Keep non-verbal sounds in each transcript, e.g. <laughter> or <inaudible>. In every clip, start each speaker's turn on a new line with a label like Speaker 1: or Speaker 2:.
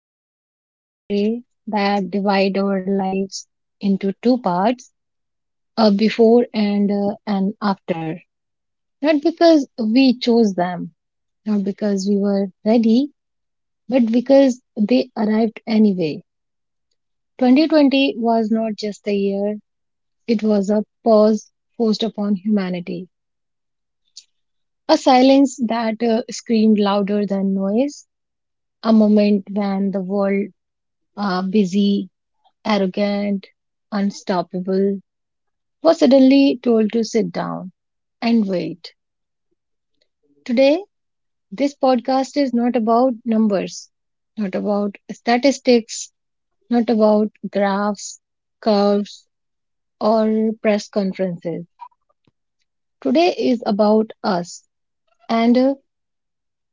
Speaker 1: moments in history that divide our lives into two parts, a before and an after. Not because we chose them, not because we were ready, but because they arrived anyway. 2020 was not just a year, it was a pause forced upon humanity. A silence that screamed louder than noise, a moment when the world, busy, arrogant, unstoppable, was suddenly told to sit down and wait. Today, this podcast is not about numbers, not about statistics, not about graphs, curves, or press conferences. Today is about us and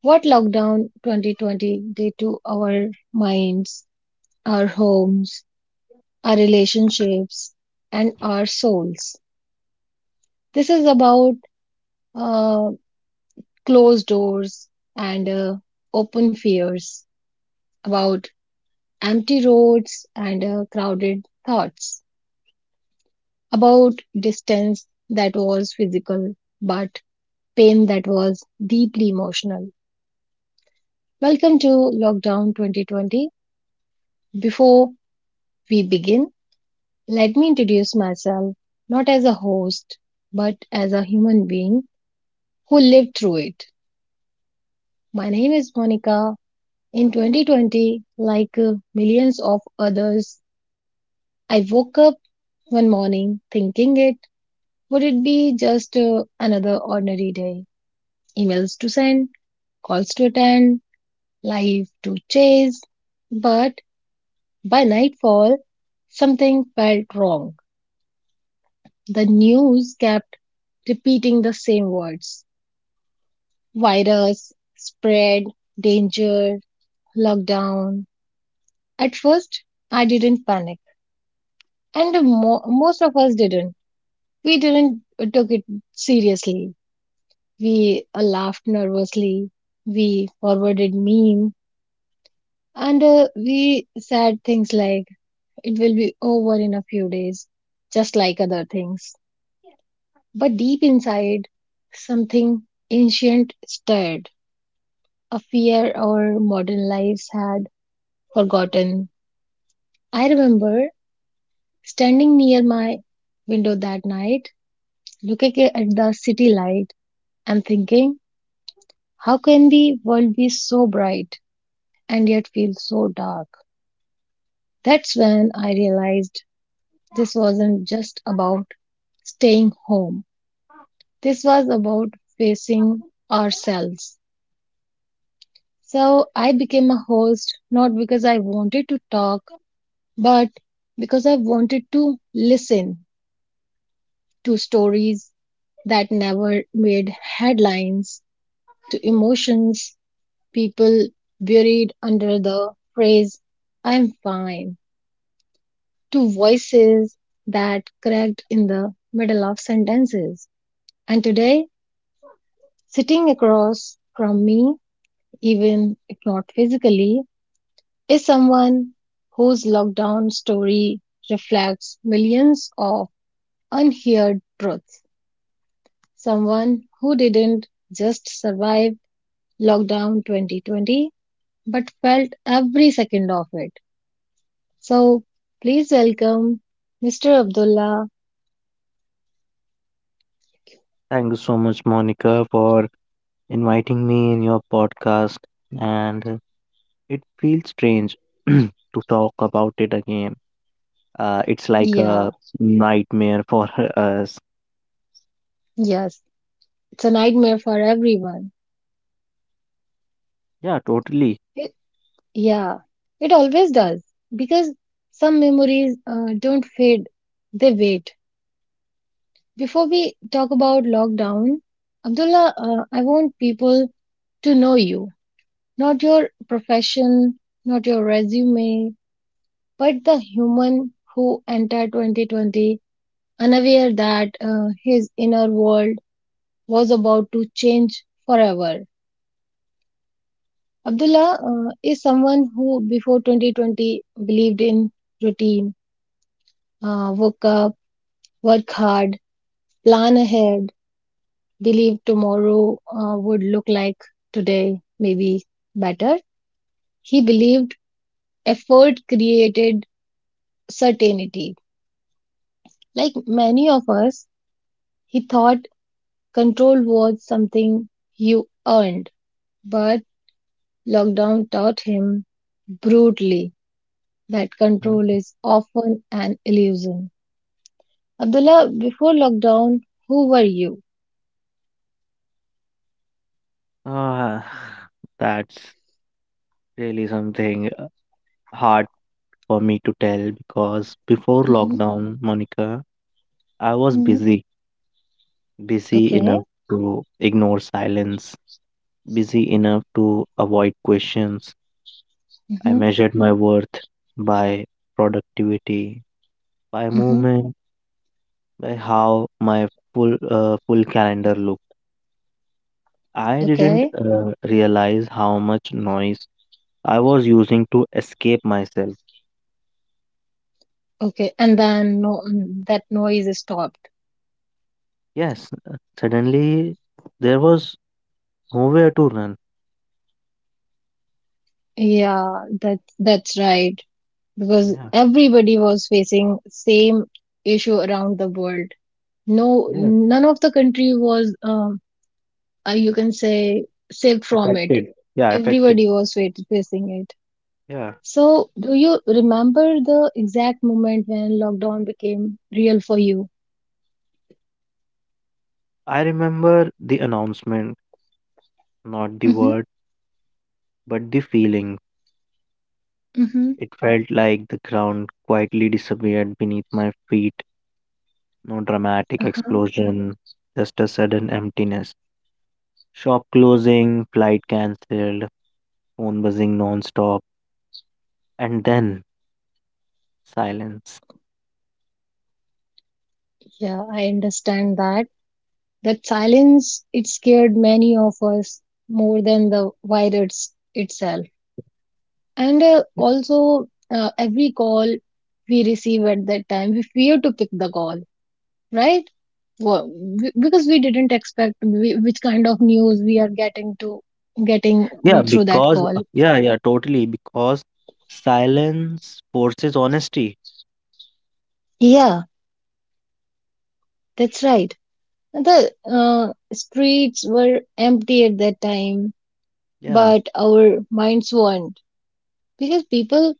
Speaker 1: what lockdown 2020 did to our minds, our homes, our relationships, and our souls. This is about uh, closed doors and open fears, about empty roads and crowded thoughts, about distance that was physical but pain that was deeply emotional. Welcome to Lockdown 2020. Before we begin, let me introduce myself not as a host but as a human being who lived through it. My name is Monica. In 2020, like millions of others, I woke up one morning thinking it would it be just another ordinary day. Emails to send, calls to attend, life to chase. But by nightfall, something felt wrong. The news kept repeating the same words: virus, spread, danger, lockdown. At first, I didn't panic, and most of us didn't. We didn't took it seriously. We laughed nervously. We forwarded meme and we said things like, it will be over in a few days, just like other things. But deep inside, something ancient stirred, a fear our modern lives had forgotten. I remember standing near my window that night, looking at the city light and thinking, how can the world be so bright and yet feel so dark? That's when I realized this wasn't just about staying home, this was about facing ourselves. So I became a host not because I wanted to talk, but because I wanted to listen, to stories that never made headlines, to emotions people buried under the phrase, I'm fine, to voices that cracked in the middle of sentences. And today, sitting across from me, even if not physically, is someone whose lockdown story reflects millions of unheard truths. Someone who didn't just survive lockdown 2020, but felt every second of it. So please welcome Mr. Abdullah.
Speaker 2: Thank you so much, Monica, for inviting me in your podcast. And It feels strange <clears throat> to talk about it again. It's like a
Speaker 1: Yeah,
Speaker 2: nightmare for <laughs> us.
Speaker 1: yes, it's a nightmare for everyone.
Speaker 2: Yeah, totally.
Speaker 1: Yeah, it always does, because some memories don't fade, they wait. Before we talk about lockdown, Abdullah, I want people to know you, not your profession, not your resume, but the human who entered 2020 unaware that his inner world was about to change forever. Abdullah is someone who, before 2020, believed in routine, woke up, work hard, plan ahead, believe tomorrow would look like today, maybe better. He believed effort created certainty. Like many of us, he thought control was something you earned, but lockdown taught him brutally that control
Speaker 2: Mm.
Speaker 1: is often an illusion. Abdullah, before lockdown, who were you?
Speaker 2: Uh, <sighs> that's really something hard for me to tell because before
Speaker 1: Mhm.
Speaker 2: lockdown, Monica, I was
Speaker 1: Mhm.
Speaker 2: busy, busy
Speaker 1: Okay.
Speaker 2: enough to ignore silence, busy enough to avoid questions. I
Speaker 1: Mhm.
Speaker 2: measured my worth by productivity, by
Speaker 1: Mhm.
Speaker 2: movement, by how my full calendar looked. I didn't
Speaker 1: Okay.
Speaker 2: uh, realize how much noise I was using to escape myself.
Speaker 1: Okay, and then no, that noise is stopped.
Speaker 2: Yes, suddenly there was nowhere to run.
Speaker 1: Yeah, that's right. Because
Speaker 2: Yeah.
Speaker 1: everybody was facing same issue around the world. No,
Speaker 2: Yeah,
Speaker 1: none of the country was, you can say, saved from it.
Speaker 2: affected. Yeah, affected.
Speaker 1: Everybody was facing it.
Speaker 2: Yeah,
Speaker 1: So, do you remember the exact moment when lockdown became real for you?
Speaker 2: I remember the announcement, not the
Speaker 1: Mm-hmm.
Speaker 2: word, but the feeling.
Speaker 1: Mm-hmm.
Speaker 2: It felt like the ground quietly disappeared beneath my feet. No dramatic
Speaker 1: Uh-huh.
Speaker 2: explosion, just a sudden emptiness. Shop closing, flight cancelled, phone buzzing non-stop, and then silence.
Speaker 1: Yeah, I understand that. That silence, it scared many of us more than the virus itself. And also, every call we receive at that time, we fear to pick the call, right? Well, because we didn't expect which kind of news we are getting, to getting
Speaker 2: Yeah,
Speaker 1: through that
Speaker 2: because
Speaker 1: call.
Speaker 2: yeah, totally because silence forces honesty.
Speaker 1: Yeah, that's right. The streets were empty at that time,
Speaker 2: Yeah.
Speaker 1: but our minds weren't, because people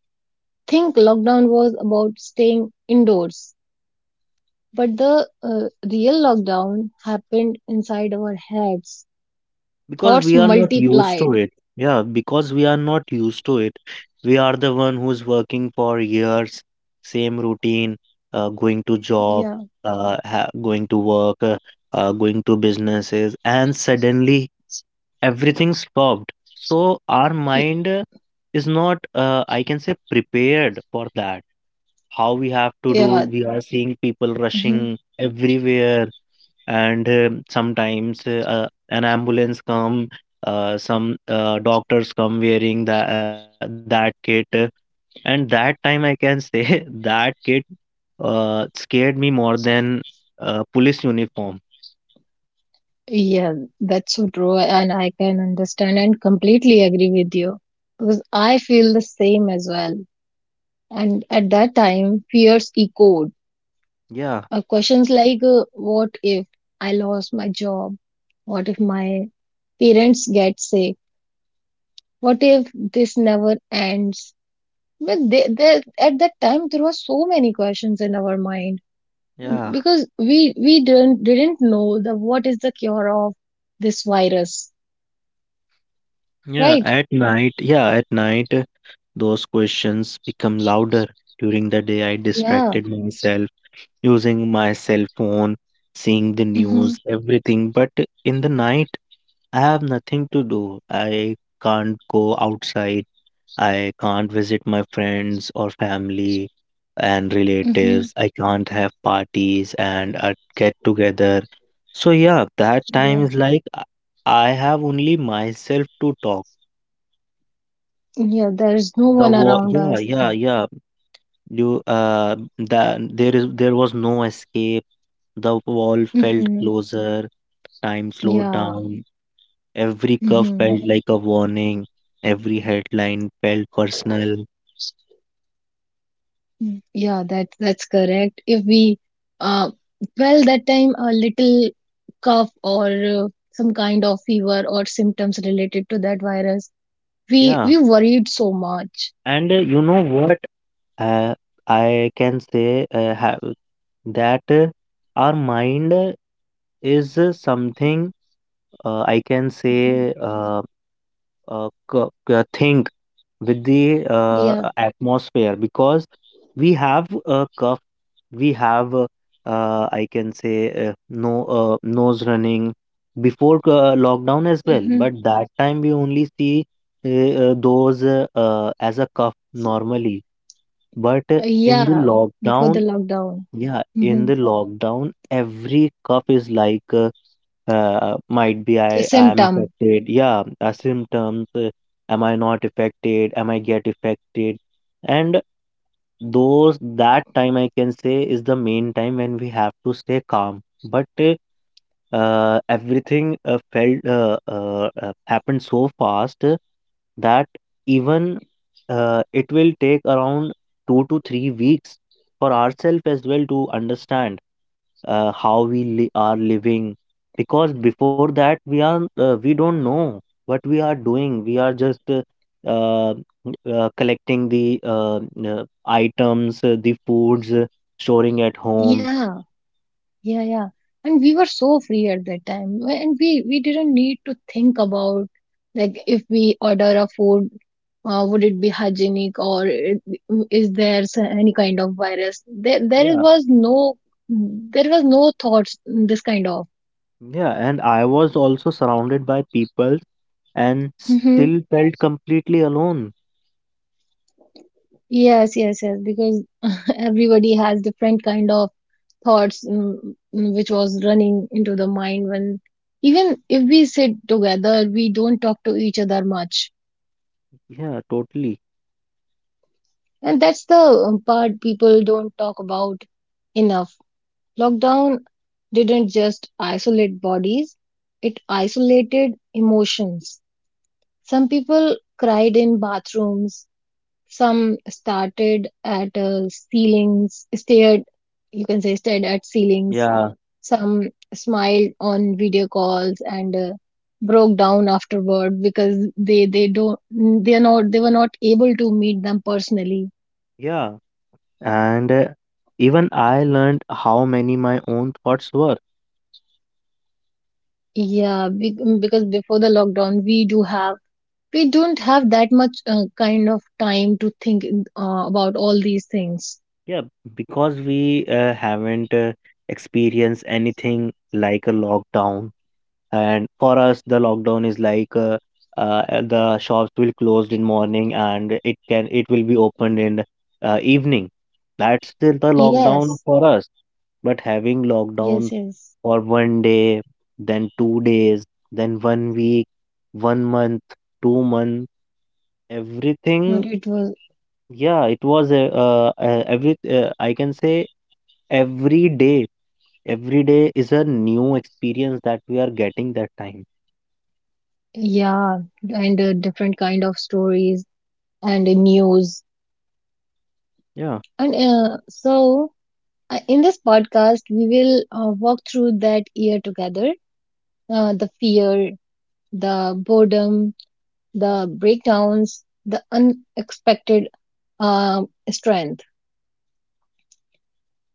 Speaker 1: think lockdown was about staying indoors, but the real lockdown happened inside our heads.
Speaker 2: Because
Speaker 1: Thoughts
Speaker 2: we are not used to
Speaker 1: multiplied.
Speaker 2: it. Yeah, because we are not used to it. We are the one who's working for years, same routine, going to job,
Speaker 1: Yeah,
Speaker 2: going to work, going to businesses, and suddenly everything stopped. So our
Speaker 1: y-
Speaker 2: mind is not, I can say, prepared for that. How we have to do?
Speaker 1: yeah,
Speaker 2: We are seeing people rushing
Speaker 1: mhm.
Speaker 2: everywhere, and sometimes an ambulance come, some doctors come wearing that kit. And that time I can say <laughs> that kit scared me more than police uniform.
Speaker 1: Yeah. That's so true, and I can understand and completely agree with you because I feel the same as well. And at that time, fears echoed.
Speaker 2: Yeah.
Speaker 1: Questions like, "What if I lost my job? What if my parents get sick? What if this never ends?" But at that time, there were so many questions in our mind,
Speaker 2: Yeah.
Speaker 1: because we didn't know the what is the cure of this virus,
Speaker 2: Yeah,
Speaker 1: right?
Speaker 2: at night. Yeah, at night, those questions become louder. During the day I
Speaker 1: Yeah.
Speaker 2: distracted myself using my cell phone, seeing the
Speaker 1: Mm-hmm.
Speaker 2: news, everything. But in the night, I have nothing to do. I can't go outside. I can't visit my friends or family and
Speaker 1: Mm-hmm.
Speaker 2: relatives. I can't have parties and a get together. So, yeah, that time
Speaker 1: Yeah.
Speaker 2: is like I have only myself to talk.
Speaker 1: Yeah. There is no
Speaker 2: The
Speaker 1: one
Speaker 2: war,
Speaker 1: around
Speaker 2: yeah,
Speaker 1: us.
Speaker 2: yeah, yeah. You the there is There was no escape. The wall felt
Speaker 1: Mm-hmm.
Speaker 2: closer. Time slowed
Speaker 1: Yeah.
Speaker 2: down. Every curve
Speaker 1: Mm-hmm.
Speaker 2: felt like a warning. Every headline felt personal.
Speaker 1: Mm, yeah, that's correct. If we, uh, well, that time a little cough or some kind of fever or symptoms related to that virus, we
Speaker 2: Yeah,
Speaker 1: we worried so much.
Speaker 2: and you know what? Uh, I can say have that our mind is, something, I can
Speaker 1: Mhm.
Speaker 2: say, thing with the
Speaker 1: Yeah,
Speaker 2: atmosphere, because we have a cuff, we have I can say no, nose running before lockdown as well,
Speaker 1: hmm,
Speaker 2: but that time we only see those as a cuff normally. But in the
Speaker 1: yeah, before the
Speaker 2: lockdown,
Speaker 1: lockdown,
Speaker 2: yeah, in
Speaker 1: hmm
Speaker 2: the lockdown, every cuff is like might be I am
Speaker 1: symptom.
Speaker 2: affected. Yeah, symptoms. Am I not affected? Am I get affected? And those, that time I can say is the main time when we have to stay calm. But everything felt, happened so fast, that even it will take around 2 to 3 weeks for ourselves as well to understand how we are living, because before that we are, we don't know what we are doing. We are just uh, collecting the uh, items, the foods, storing at home.
Speaker 1: Yeah. Yeah, yeah. And we were so free at that time. And we didn't need to think about, like, if we order a food, would it be hygienic, or is there any kind of virus?
Speaker 2: Yeah.
Speaker 1: There was no thoughts this kind of.
Speaker 2: Yeah, and I was also surrounded by people and still
Speaker 1: Mm-hmm.
Speaker 2: felt completely alone.
Speaker 1: Yes, yes, yes. Because <laughs> everybody has different kind of thoughts, which was running into the mind, when even if we sit together, we don't talk to each other much.
Speaker 2: Yeah, totally.
Speaker 1: And that's the part people don't talk about enough. Lockdown didn't just isolate bodies, it isolated emotions. Some people cried in bathrooms, some started at ceilings, stared, you can say, stared at ceilings,
Speaker 2: Yeah.
Speaker 1: some smiled on video calls and broke down afterward, because they don't they are not they were not able to meet them personally.
Speaker 2: Yeah, and even I learned how many my own thoughts were.
Speaker 1: Yeah, because before the lockdown, we don't have that much kind of time to think about all these things.
Speaker 2: Yeah, because we haven't experienced anything like a lockdown, and for us the lockdown is like the shops will closed in morning and it will be opened in evening. That's still the lockdown
Speaker 1: Yes,
Speaker 2: for us. But having lockdown
Speaker 1: yes, yes.
Speaker 2: for one day, then 2 days, then one week, one month, 2 months,
Speaker 1: Not
Speaker 2: everything.
Speaker 1: it was.
Speaker 2: Yeah, it was every I can say every day, every day is a new experience that we are getting that time.
Speaker 1: Yeah, and different kind of stories and news.
Speaker 2: Yeah.
Speaker 1: And so, in this podcast, we will walk through that year together. The fear, the boredom, the breakdowns, the unexpected strength.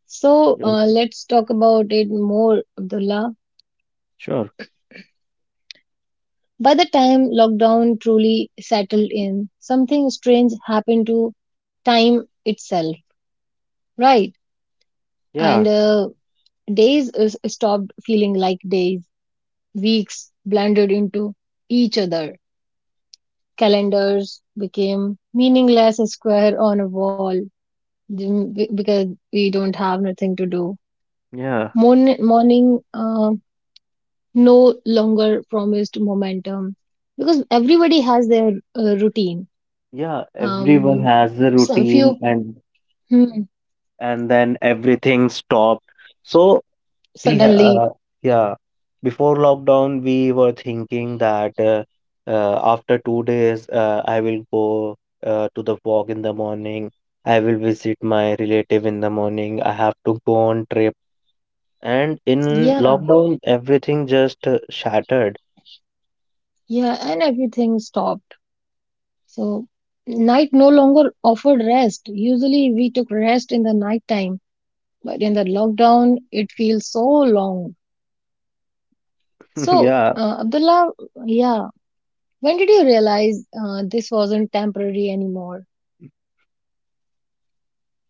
Speaker 1: So
Speaker 2: yo-
Speaker 1: let's talk about it more, Abdullah.
Speaker 2: sure.
Speaker 1: By the time lockdown truly settled in, something strange happened to time itself, right?
Speaker 2: Yeah,
Speaker 1: And days is stopped feeling like days, weeks blended into each other. Calendars became meaningless square on a wall, because we don't have nothing to do.
Speaker 2: yeah,
Speaker 1: Morning no longer promised momentum, because everybody has their routine.
Speaker 2: yeah. Everyone
Speaker 1: Um,
Speaker 2: has a
Speaker 1: some
Speaker 2: routine.
Speaker 1: few,
Speaker 2: and
Speaker 1: hmm,
Speaker 2: and then everything stopped. So We ha
Speaker 1: suddenly,
Speaker 2: yeah, before lockdown, we were thinking that after 2 days, I will go to the walk in the morning. I will visit my relative in the morning. I have to go on trip. And in
Speaker 1: yeah,
Speaker 2: lockdown, everything just shattered.
Speaker 1: yeah, and everything stopped. So night no longer offered rest. Usually we took rest in the night time, but in the lockdown it feels so long.
Speaker 2: <laughs>
Speaker 1: So
Speaker 2: Yeah,
Speaker 1: Abdullah, yeah, when did you realize this wasn't temporary anymore?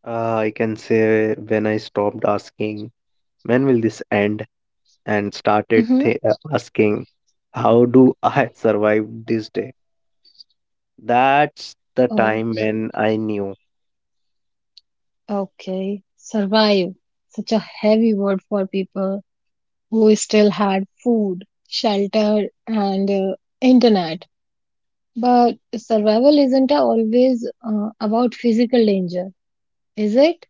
Speaker 2: I can say when I stopped asking, when will this end? And started
Speaker 1: Mm-hmm.
Speaker 2: th asking, how do I <laughs> survive this day? That's the
Speaker 1: Oh.
Speaker 2: time when I knew.
Speaker 1: Okay, survive. Such a heavy word for people who still had food, shelter, and internet. But survival isn't always about physical danger, is it?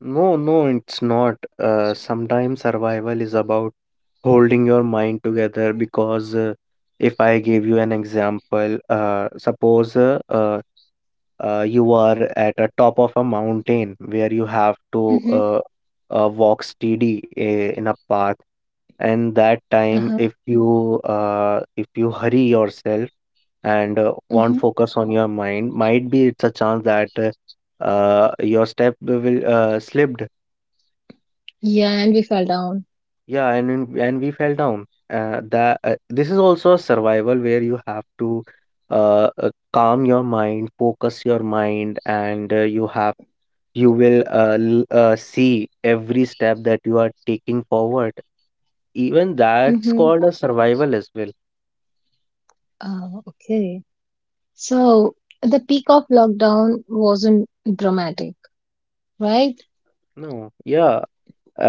Speaker 2: No, no, it's not. Sometimes survival is about holding your mind together because if I give you an example, suppose you are at a top of a mountain where you have to
Speaker 1: Mm-hmm.
Speaker 2: walk steady in a path, and that
Speaker 1: Uh-huh.
Speaker 2: time if you hurry yourself and
Speaker 1: Mm-hmm.
Speaker 2: won't focus on your mind, might be it's a chance that your step will slipped.
Speaker 1: Yeah, and we fell down.
Speaker 2: Yeah, and we fell down. That This is also a survival where you have to calm your mind, focus your mind, and you have, you will see every step that you are taking forward. Even that's
Speaker 1: Mm-hmm.
Speaker 2: called a survival as well.
Speaker 1: Oh, okay. So the peak of lockdown wasn't dramatic, right?
Speaker 2: No, yeah.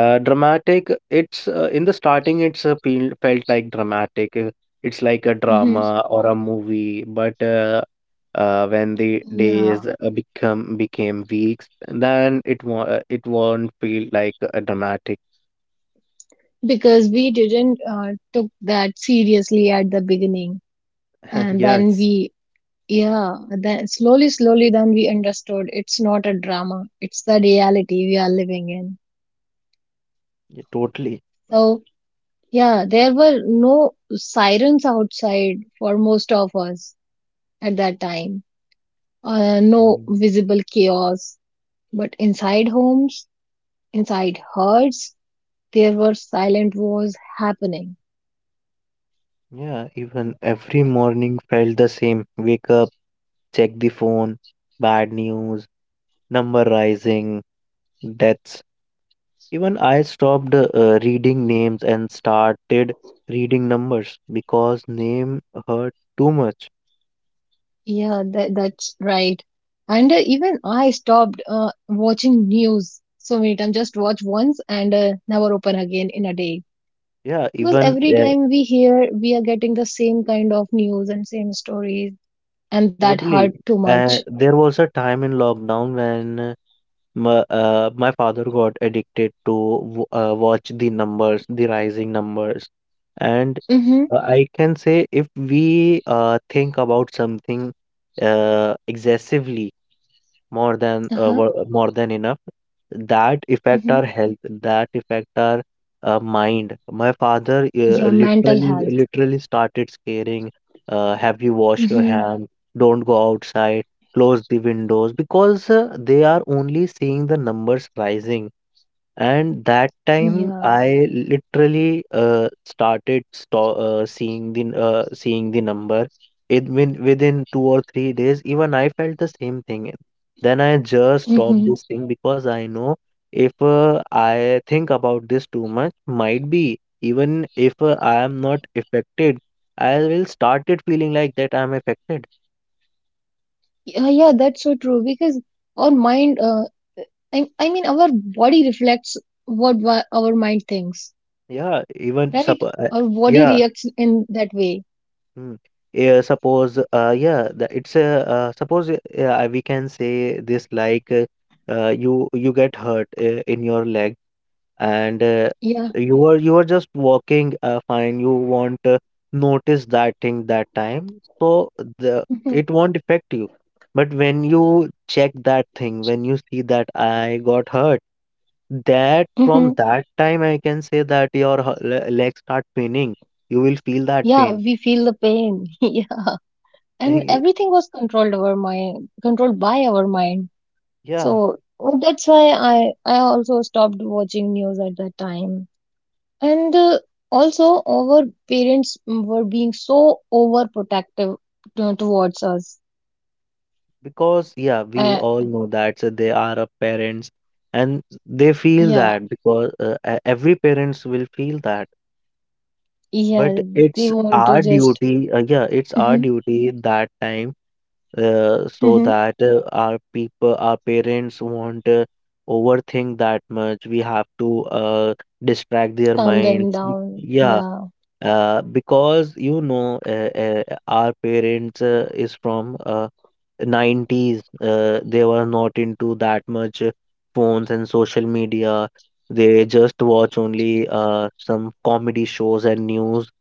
Speaker 2: Dramatic. It's in the starting. It's felt like dramatic. It's like a drama
Speaker 1: Mm-hmm.
Speaker 2: or a movie. But when the days
Speaker 1: Yeah,
Speaker 2: become became weeks, then it won't feel like a dramatic.
Speaker 1: because we didn't took that seriously at the beginning,
Speaker 2: <laughs>
Speaker 1: and then
Speaker 2: Yes,
Speaker 1: we, yeah, then slowly slowly then we understood it's not a drama, it's the reality we are living in.
Speaker 2: yeah, totally.
Speaker 1: So yeah, there were no sirens outside for most of us at that time, no
Speaker 2: Mm,
Speaker 1: visible chaos, but inside homes, inside herds, there were silent wars happening.
Speaker 2: yeah, even every morning felt the same. Wake up, check the phone, bad news, number rising, deaths. Even I stopped reading names and started reading numbers because name hurt too much.
Speaker 1: Yeah, that that's right. And even I stopped watching news so many times. Just watch once and never open again in a day.
Speaker 2: Yeah,
Speaker 1: Because
Speaker 2: even
Speaker 1: every
Speaker 2: yeah.
Speaker 1: time we hear, we are getting the same kind of news and same stories, and that hurt
Speaker 2: Totally.
Speaker 1: too much.
Speaker 2: There was a time in lockdown when my father got addicted to watch the numbers, the rising numbers, and
Speaker 1: Mm-hmm.
Speaker 2: I can say if we think about something excessively, more than
Speaker 1: Uh-huh.
Speaker 2: more than enough. That affect our
Speaker 1: Mm-hmm.
Speaker 2: health, that affect our mind. My father
Speaker 1: Yeah,
Speaker 2: uh,
Speaker 1: mental
Speaker 2: literally,
Speaker 1: health.
Speaker 2: literally started scaring, have you wash your
Speaker 1: Mm-hmm.
Speaker 2: hand, don't go outside, close the windows, because they are only seeing the numbers rising. And that time,
Speaker 1: Yeah.
Speaker 2: I literally started sto- seeing the n- seeing the number. It win within 2 or 3 days, even I felt the same thing. Then I just stopped
Speaker 1: Mm-hmm.
Speaker 2: this thing because I know if I think about this too much, might be even if I am not affected, I will started feeling like that I'm affected.
Speaker 1: Yeah, yeah, that's so true. Because our mind, I, mean, our body reflects what our mind thinks,
Speaker 2: Yeah, even sup
Speaker 1: right? Our body
Speaker 2: yeah.
Speaker 1: reacts in that way.
Speaker 2: Mm. Yeah, it's a, suppose we can say this like you get hurt in your leg, and
Speaker 1: Yeah.
Speaker 2: you were, you were just walking fine. You won't notice that thing that time, so the it won't affect you. But when you check that thing, when you see that I got hurt, that
Speaker 1: Hmm.
Speaker 2: from that time I can say that your legs start paining. You will feel that
Speaker 1: Yeah,
Speaker 2: pain.
Speaker 1: we feel the pain. <laughs> Yeah. And
Speaker 2: <laughs>
Speaker 1: everything was controlled over mind, controlled by our mind.
Speaker 2: Yeah.
Speaker 1: So oh, that's why I I also stopped watching news at that time. And also our parents were being so overprotective towards us.
Speaker 2: Because, yeah, we
Speaker 1: Uh,
Speaker 2: all know that so they are a parents, and they feel
Speaker 1: yeah,
Speaker 2: that because every parents will feel that. But
Speaker 1: yeah, they
Speaker 2: it's
Speaker 1: want
Speaker 2: our
Speaker 1: to just.
Speaker 2: duty, yeah, it's our
Speaker 1: Mhm.
Speaker 2: duty that time so
Speaker 1: Mhm.
Speaker 2: that our people, our parents won't overthink that much. We have to distract their
Speaker 1: Calm them
Speaker 2: minds.
Speaker 1: down.
Speaker 2: Yeah,
Speaker 1: Yeah,
Speaker 2: because you know, our parents is from 90s, they were not into that much phones and social media. They just watch only some comedy shows and news.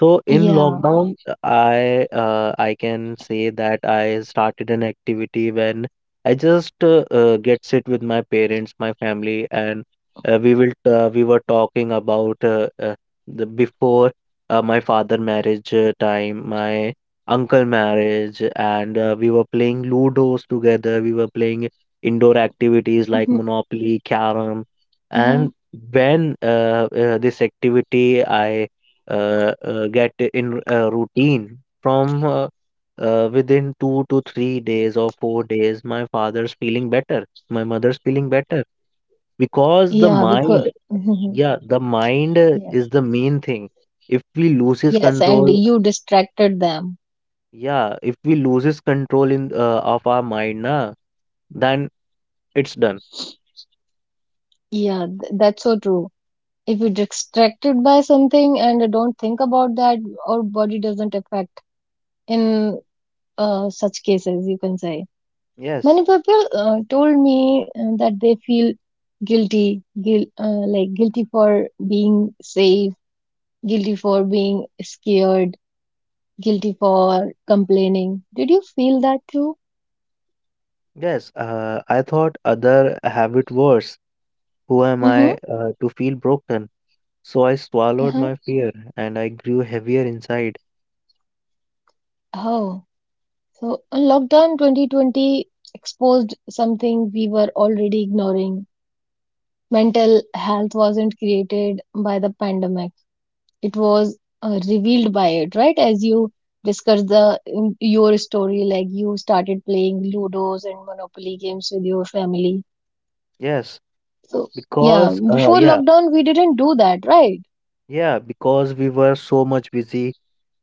Speaker 2: So in
Speaker 1: yeah.
Speaker 2: lockdown, I can say that I started an activity when I just get sit with my parents, my family, and we will we were talking about the before my father marriage time, my uncle marriage, and we were playing ludos together. We were playing indoor activities like
Speaker 1: Mhm.
Speaker 2: Monopoly, Carom, and when this activity I get in a routine from within 2 to 3 days or 4 days, my father's feeling better, my mother's feeling better, because the
Speaker 1: Yeah, because
Speaker 2: mind,
Speaker 1: <laughs>
Speaker 2: yeah, the mind
Speaker 1: yeah.
Speaker 2: is the main thing. If we loses
Speaker 1: Yes, and
Speaker 2: control,
Speaker 1: you distracted them.
Speaker 2: yeah, if we loses control in of our mind na, then it's done.
Speaker 1: Yeah, that's so true. If you're distracted by something and don't think about that, our body doesn't affect in such cases, you can say. Many
Speaker 2: Yes.
Speaker 1: people told me that they feel guilty, guil like guilty for being safe, guilty for being scared, guilty for complaining. Did you feel that too?
Speaker 2: Yes, I thought other have it worse. Who am
Speaker 1: Mm-hmm.
Speaker 2: I to feel broken? So I swallowed my
Speaker 1: Uh-huh.
Speaker 2: fear and I grew heavier inside.
Speaker 1: Oh. So, lockdown 2020 exposed something we were already ignoring. Mental health wasn't created by the pandemic, it was revealed by it, right? As you discussed the in your story, like, you started playing Ludos and Monopoly games with your family.
Speaker 2: Yes,
Speaker 1: So, yeah,
Speaker 2: because
Speaker 1: before lockdown, we didn't do that, right?
Speaker 2: yeah, because we were so much busy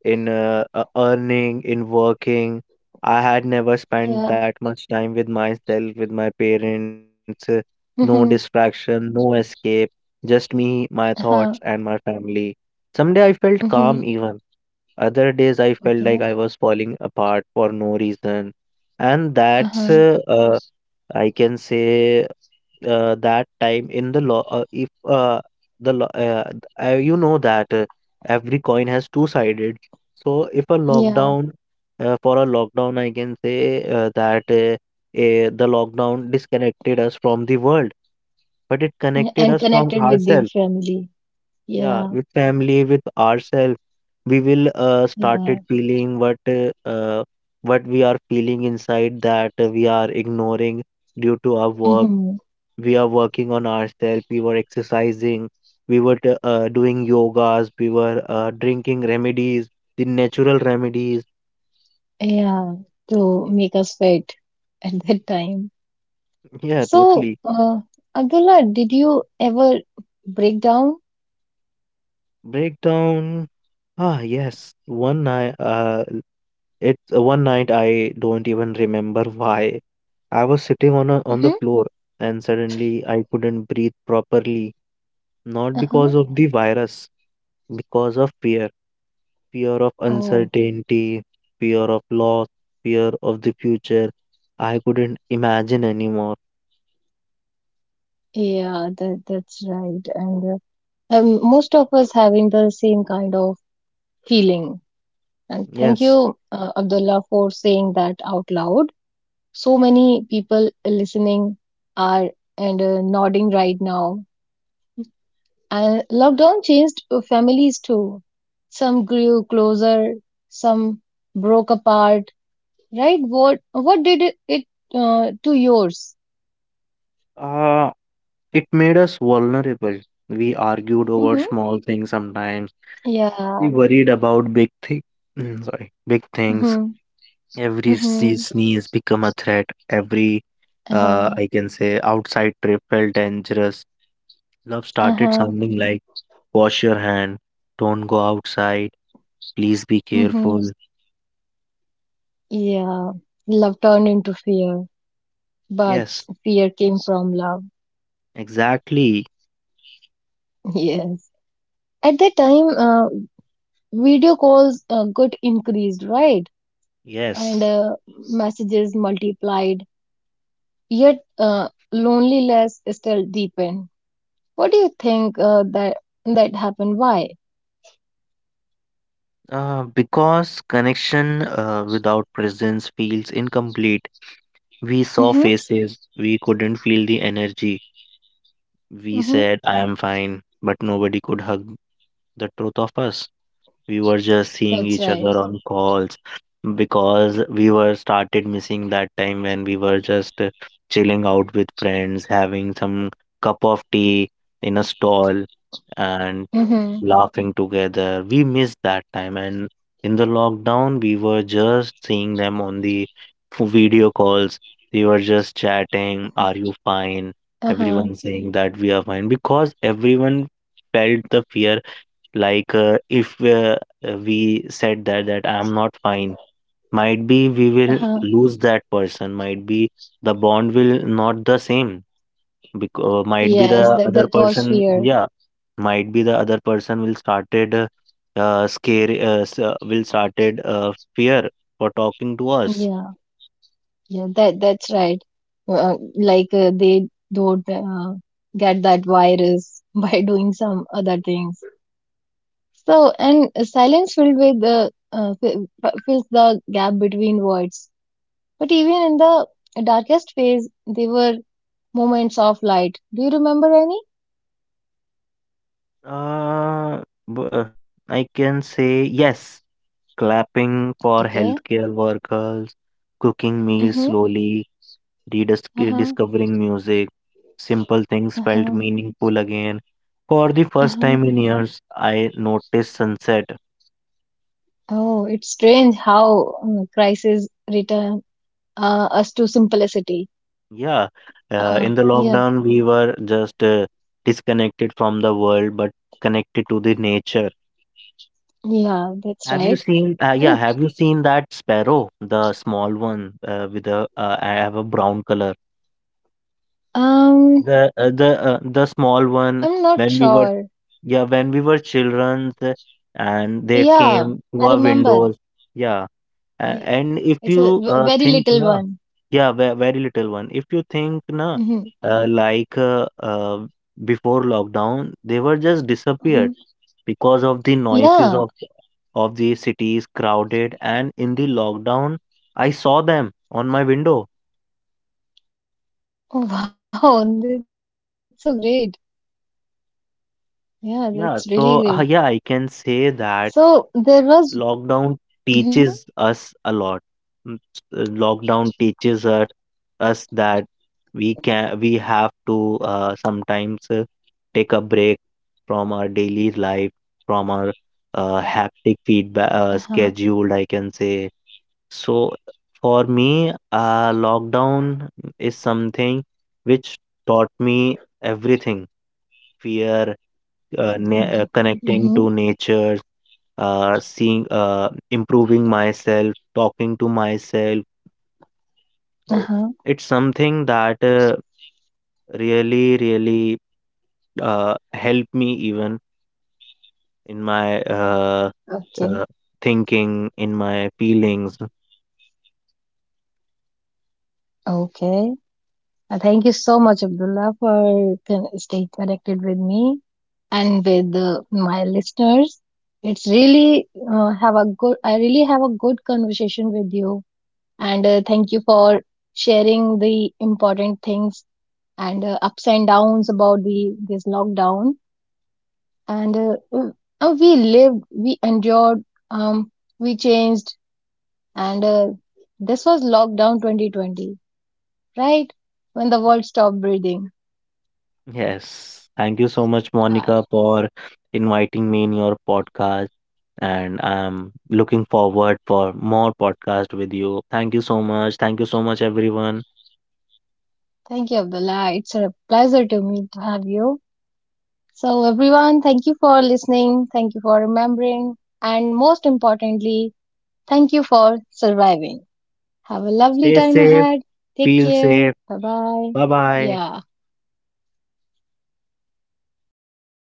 Speaker 2: in earning, in working. I had never spent
Speaker 1: Yeah.
Speaker 2: that much time with myself, with my parents. No
Speaker 1: Mm-hmm.
Speaker 2: distraction, no escape, just me, my thoughts, and
Speaker 1: Uh-huh.
Speaker 2: my family. Someday I felt calm
Speaker 1: Mm-hmm.
Speaker 2: even. Other days I felt
Speaker 1: Okay.
Speaker 2: like I was falling apart for no reason. And that's
Speaker 1: Uh-huh.
Speaker 2: I can say that time in the law, if the lo- th- you know that every coin has two sided. So if a
Speaker 1: Yeah.
Speaker 2: lockdown for a lockdown, I can say that the lockdown disconnected us from the world, but it
Speaker 1: Yeah,
Speaker 2: connected
Speaker 1: and
Speaker 2: us from
Speaker 1: connected with the
Speaker 2: ourselves.
Speaker 1: family.
Speaker 2: Yeah,
Speaker 1: Yeah.
Speaker 2: with family, with ourselves, we will
Speaker 1: Yeah.
Speaker 2: started feeling what we are feeling inside that we are ignoring due to our work.
Speaker 1: Mm-hmm.
Speaker 2: We are working on ourselves, we were exercising, we were doing yogas, we were drinking remedies, the natural remedies.
Speaker 1: Yeah, to make us fit <laughs> at that time.
Speaker 2: Yeah,
Speaker 1: So,
Speaker 2: totally.
Speaker 1: Abdullah, did you ever break down?
Speaker 2: Breakdown. Ah, yes, one night, it's one night I don't even remember <laughs> why. I was sitting on on the
Speaker 1: Mm-hmm.
Speaker 2: floor, and suddenly I couldn't breathe properly, not because
Speaker 1: Uh-huh.
Speaker 2: of the virus, because of fear. Fear of
Speaker 1: Oh,
Speaker 2: uncertainty, fear of loss, fear of the future. I couldn't imagine anymore.
Speaker 1: yeah, that that's right. And most of us having the same kind of feeling. And thank
Speaker 2: Yes,
Speaker 1: you, Abdullah, for saying that out loud. So many people listening are, and nodding right now. And lockdown changed families too. Some grew closer, some broke apart. Right? What did it, to yours?
Speaker 2: uh, it made us vulnerable. We argued over
Speaker 1: Mm-hmm.
Speaker 2: small things sometimes. We
Speaker 1: Yeah.
Speaker 2: worried about big things. Sorry, big things.
Speaker 1: Mm-hmm.
Speaker 2: Every sea
Speaker 1: Mm-hmm.
Speaker 2: sneeze become a threat. Every,
Speaker 1: Uh-huh.
Speaker 2: I can say, outside trip felt dangerous. Love started
Speaker 1: Uh-huh.
Speaker 2: sounding like, "Wash your hand," "Don't go outside," "Please be
Speaker 1: Mm-hmm.
Speaker 2: careful."
Speaker 1: Yeah. Love turned into fear, but
Speaker 2: Yes.
Speaker 1: fear came from love.
Speaker 2: Exactly.
Speaker 1: <laughs> Yes. At that time, video calls got increased, right? And
Speaker 2: Yes.
Speaker 1: messages multiplied, yet loneliness still deepened. What do you think that that happened? Why?
Speaker 2: Because connection without presence feels incomplete. We saw
Speaker 1: Mm-hmm.
Speaker 2: faces, we couldn't feel the energy. We
Speaker 1: Mm-hmm.
Speaker 2: said, I am fine, but nobody could hug the truth of us. We were just seeing
Speaker 1: That's
Speaker 2: each other
Speaker 1: right.
Speaker 2: on calls, because we were started missing that time when we were just chilling out with friends, having some cup of tea in a stall, and
Speaker 1: Mm-hmm.
Speaker 2: laughing together. We missed that time, and in the lockdown, we were just seeing them on the video calls. We were just chatting, "Are you fine?"
Speaker 1: Uh-huh.
Speaker 2: Everyone saying that we are fine because everyone felt the fear. Like if we said that I am not fine, might be we will
Speaker 1: Uh-huh.
Speaker 2: lose that person. Might be the bond will not the same. Because might be
Speaker 1: Yes,
Speaker 2: the
Speaker 1: that
Speaker 2: other
Speaker 1: that was
Speaker 2: person.
Speaker 1: fear.
Speaker 2: Yeah, might be the other person will started scare will started fear for talking to us.
Speaker 1: Yeah. Yeah. That that's right. Like, they don't get that virus <laughs> by doing some other things. So, and silence filled with the fills the gap between words. But even in the darkest phase, they were moments of light. Do you remember any?
Speaker 2: uh, b- uh, I can say yes, clapping for
Speaker 1: Okay.
Speaker 2: healthcare workers, cooking meals
Speaker 1: Mm-hmm.
Speaker 2: slowly,
Speaker 1: Uh-huh.
Speaker 2: discovering music. Simple things felt
Speaker 1: Uh-huh.
Speaker 2: meaningful again. For the first
Speaker 1: Uh-huh.
Speaker 2: time in years I noticed sunset.
Speaker 1: Oh, it's strange how crisis return us to simplicity.
Speaker 2: Yeah, in the
Speaker 1: Yeah.
Speaker 2: lockdown, we were just disconnected from the world but connected to the nature.
Speaker 1: Yeah, that's
Speaker 2: Have you
Speaker 1: right.
Speaker 2: seen, yeah,
Speaker 1: And
Speaker 2: have you seen that sparrow, the small one with a, I have a brown color.
Speaker 1: um,
Speaker 2: The the small one
Speaker 1: I'm not
Speaker 2: when we were,
Speaker 1: sure.
Speaker 2: yeah, when we were children, and they
Speaker 1: Yeah,
Speaker 2: came to
Speaker 1: I
Speaker 2: our
Speaker 1: remember.
Speaker 2: windows. Yeah.
Speaker 1: Yeah,
Speaker 2: And if
Speaker 1: it's a
Speaker 2: you
Speaker 1: very
Speaker 2: think
Speaker 1: little
Speaker 2: na,
Speaker 1: one.
Speaker 2: yeah, very little one. If you think na,
Speaker 1: Hmm.
Speaker 2: uh, like uh, uh, before lockdown, they were just disappeared
Speaker 1: Hmm.
Speaker 2: because of the noises
Speaker 1: Yeah.
Speaker 2: of the cities crowded. And in the lockdown, I saw them on my window.
Speaker 1: Oh, <laughs> wow, that's so great. Yeah, that's really great.
Speaker 2: Yeah, so yeah, I can
Speaker 1: So there
Speaker 2: say
Speaker 1: was.
Speaker 2: that.
Speaker 1: Hmm.
Speaker 2: Lockdown teaches us a lot. Lockdown teaches us that we have to sometimes take a break from our daily life, from our haptic
Speaker 1: Uh-huh.
Speaker 2: feedback schedule, I can say. So for me, lockdown is something which taught me everything. Fear, connecting
Speaker 1: Hmm.
Speaker 2: to nature, seeing, improving myself, talking to myself.
Speaker 1: Uh-huh.
Speaker 2: It's something that really, really helped me even in my
Speaker 1: Okay.
Speaker 2: uh, thinking, in my feelings.
Speaker 1: Okay. Thank you so much, Abdullah, for staying connected with me and with my listeners. It's really have a good. I really have a good conversation with you, and thank you for sharing the important things and ups and downs about the this lockdown. And we lived, we endured, um, we changed, and this was lockdown 2020, right? When the world stopped breathing.
Speaker 2: Yes. Thank you so much,
Speaker 1: Yeah.
Speaker 2: Monica, for inviting me in your podcast. And I'm looking forward for more podcast with you. Thank you so much. Thank you so much, everyone.
Speaker 1: Thank you, Abdullah. It's a pleasure to me to have you. So, everyone, thank you for listening. Thank you for remembering. And most importantly, thank you for surviving. Have a lovely
Speaker 2: Stay
Speaker 1: time
Speaker 2: safe,
Speaker 1: ahead. Take
Speaker 2: feel
Speaker 1: care.
Speaker 2: safe.
Speaker 1: Bye bye.
Speaker 2: Bye bye.
Speaker 1: Yeah.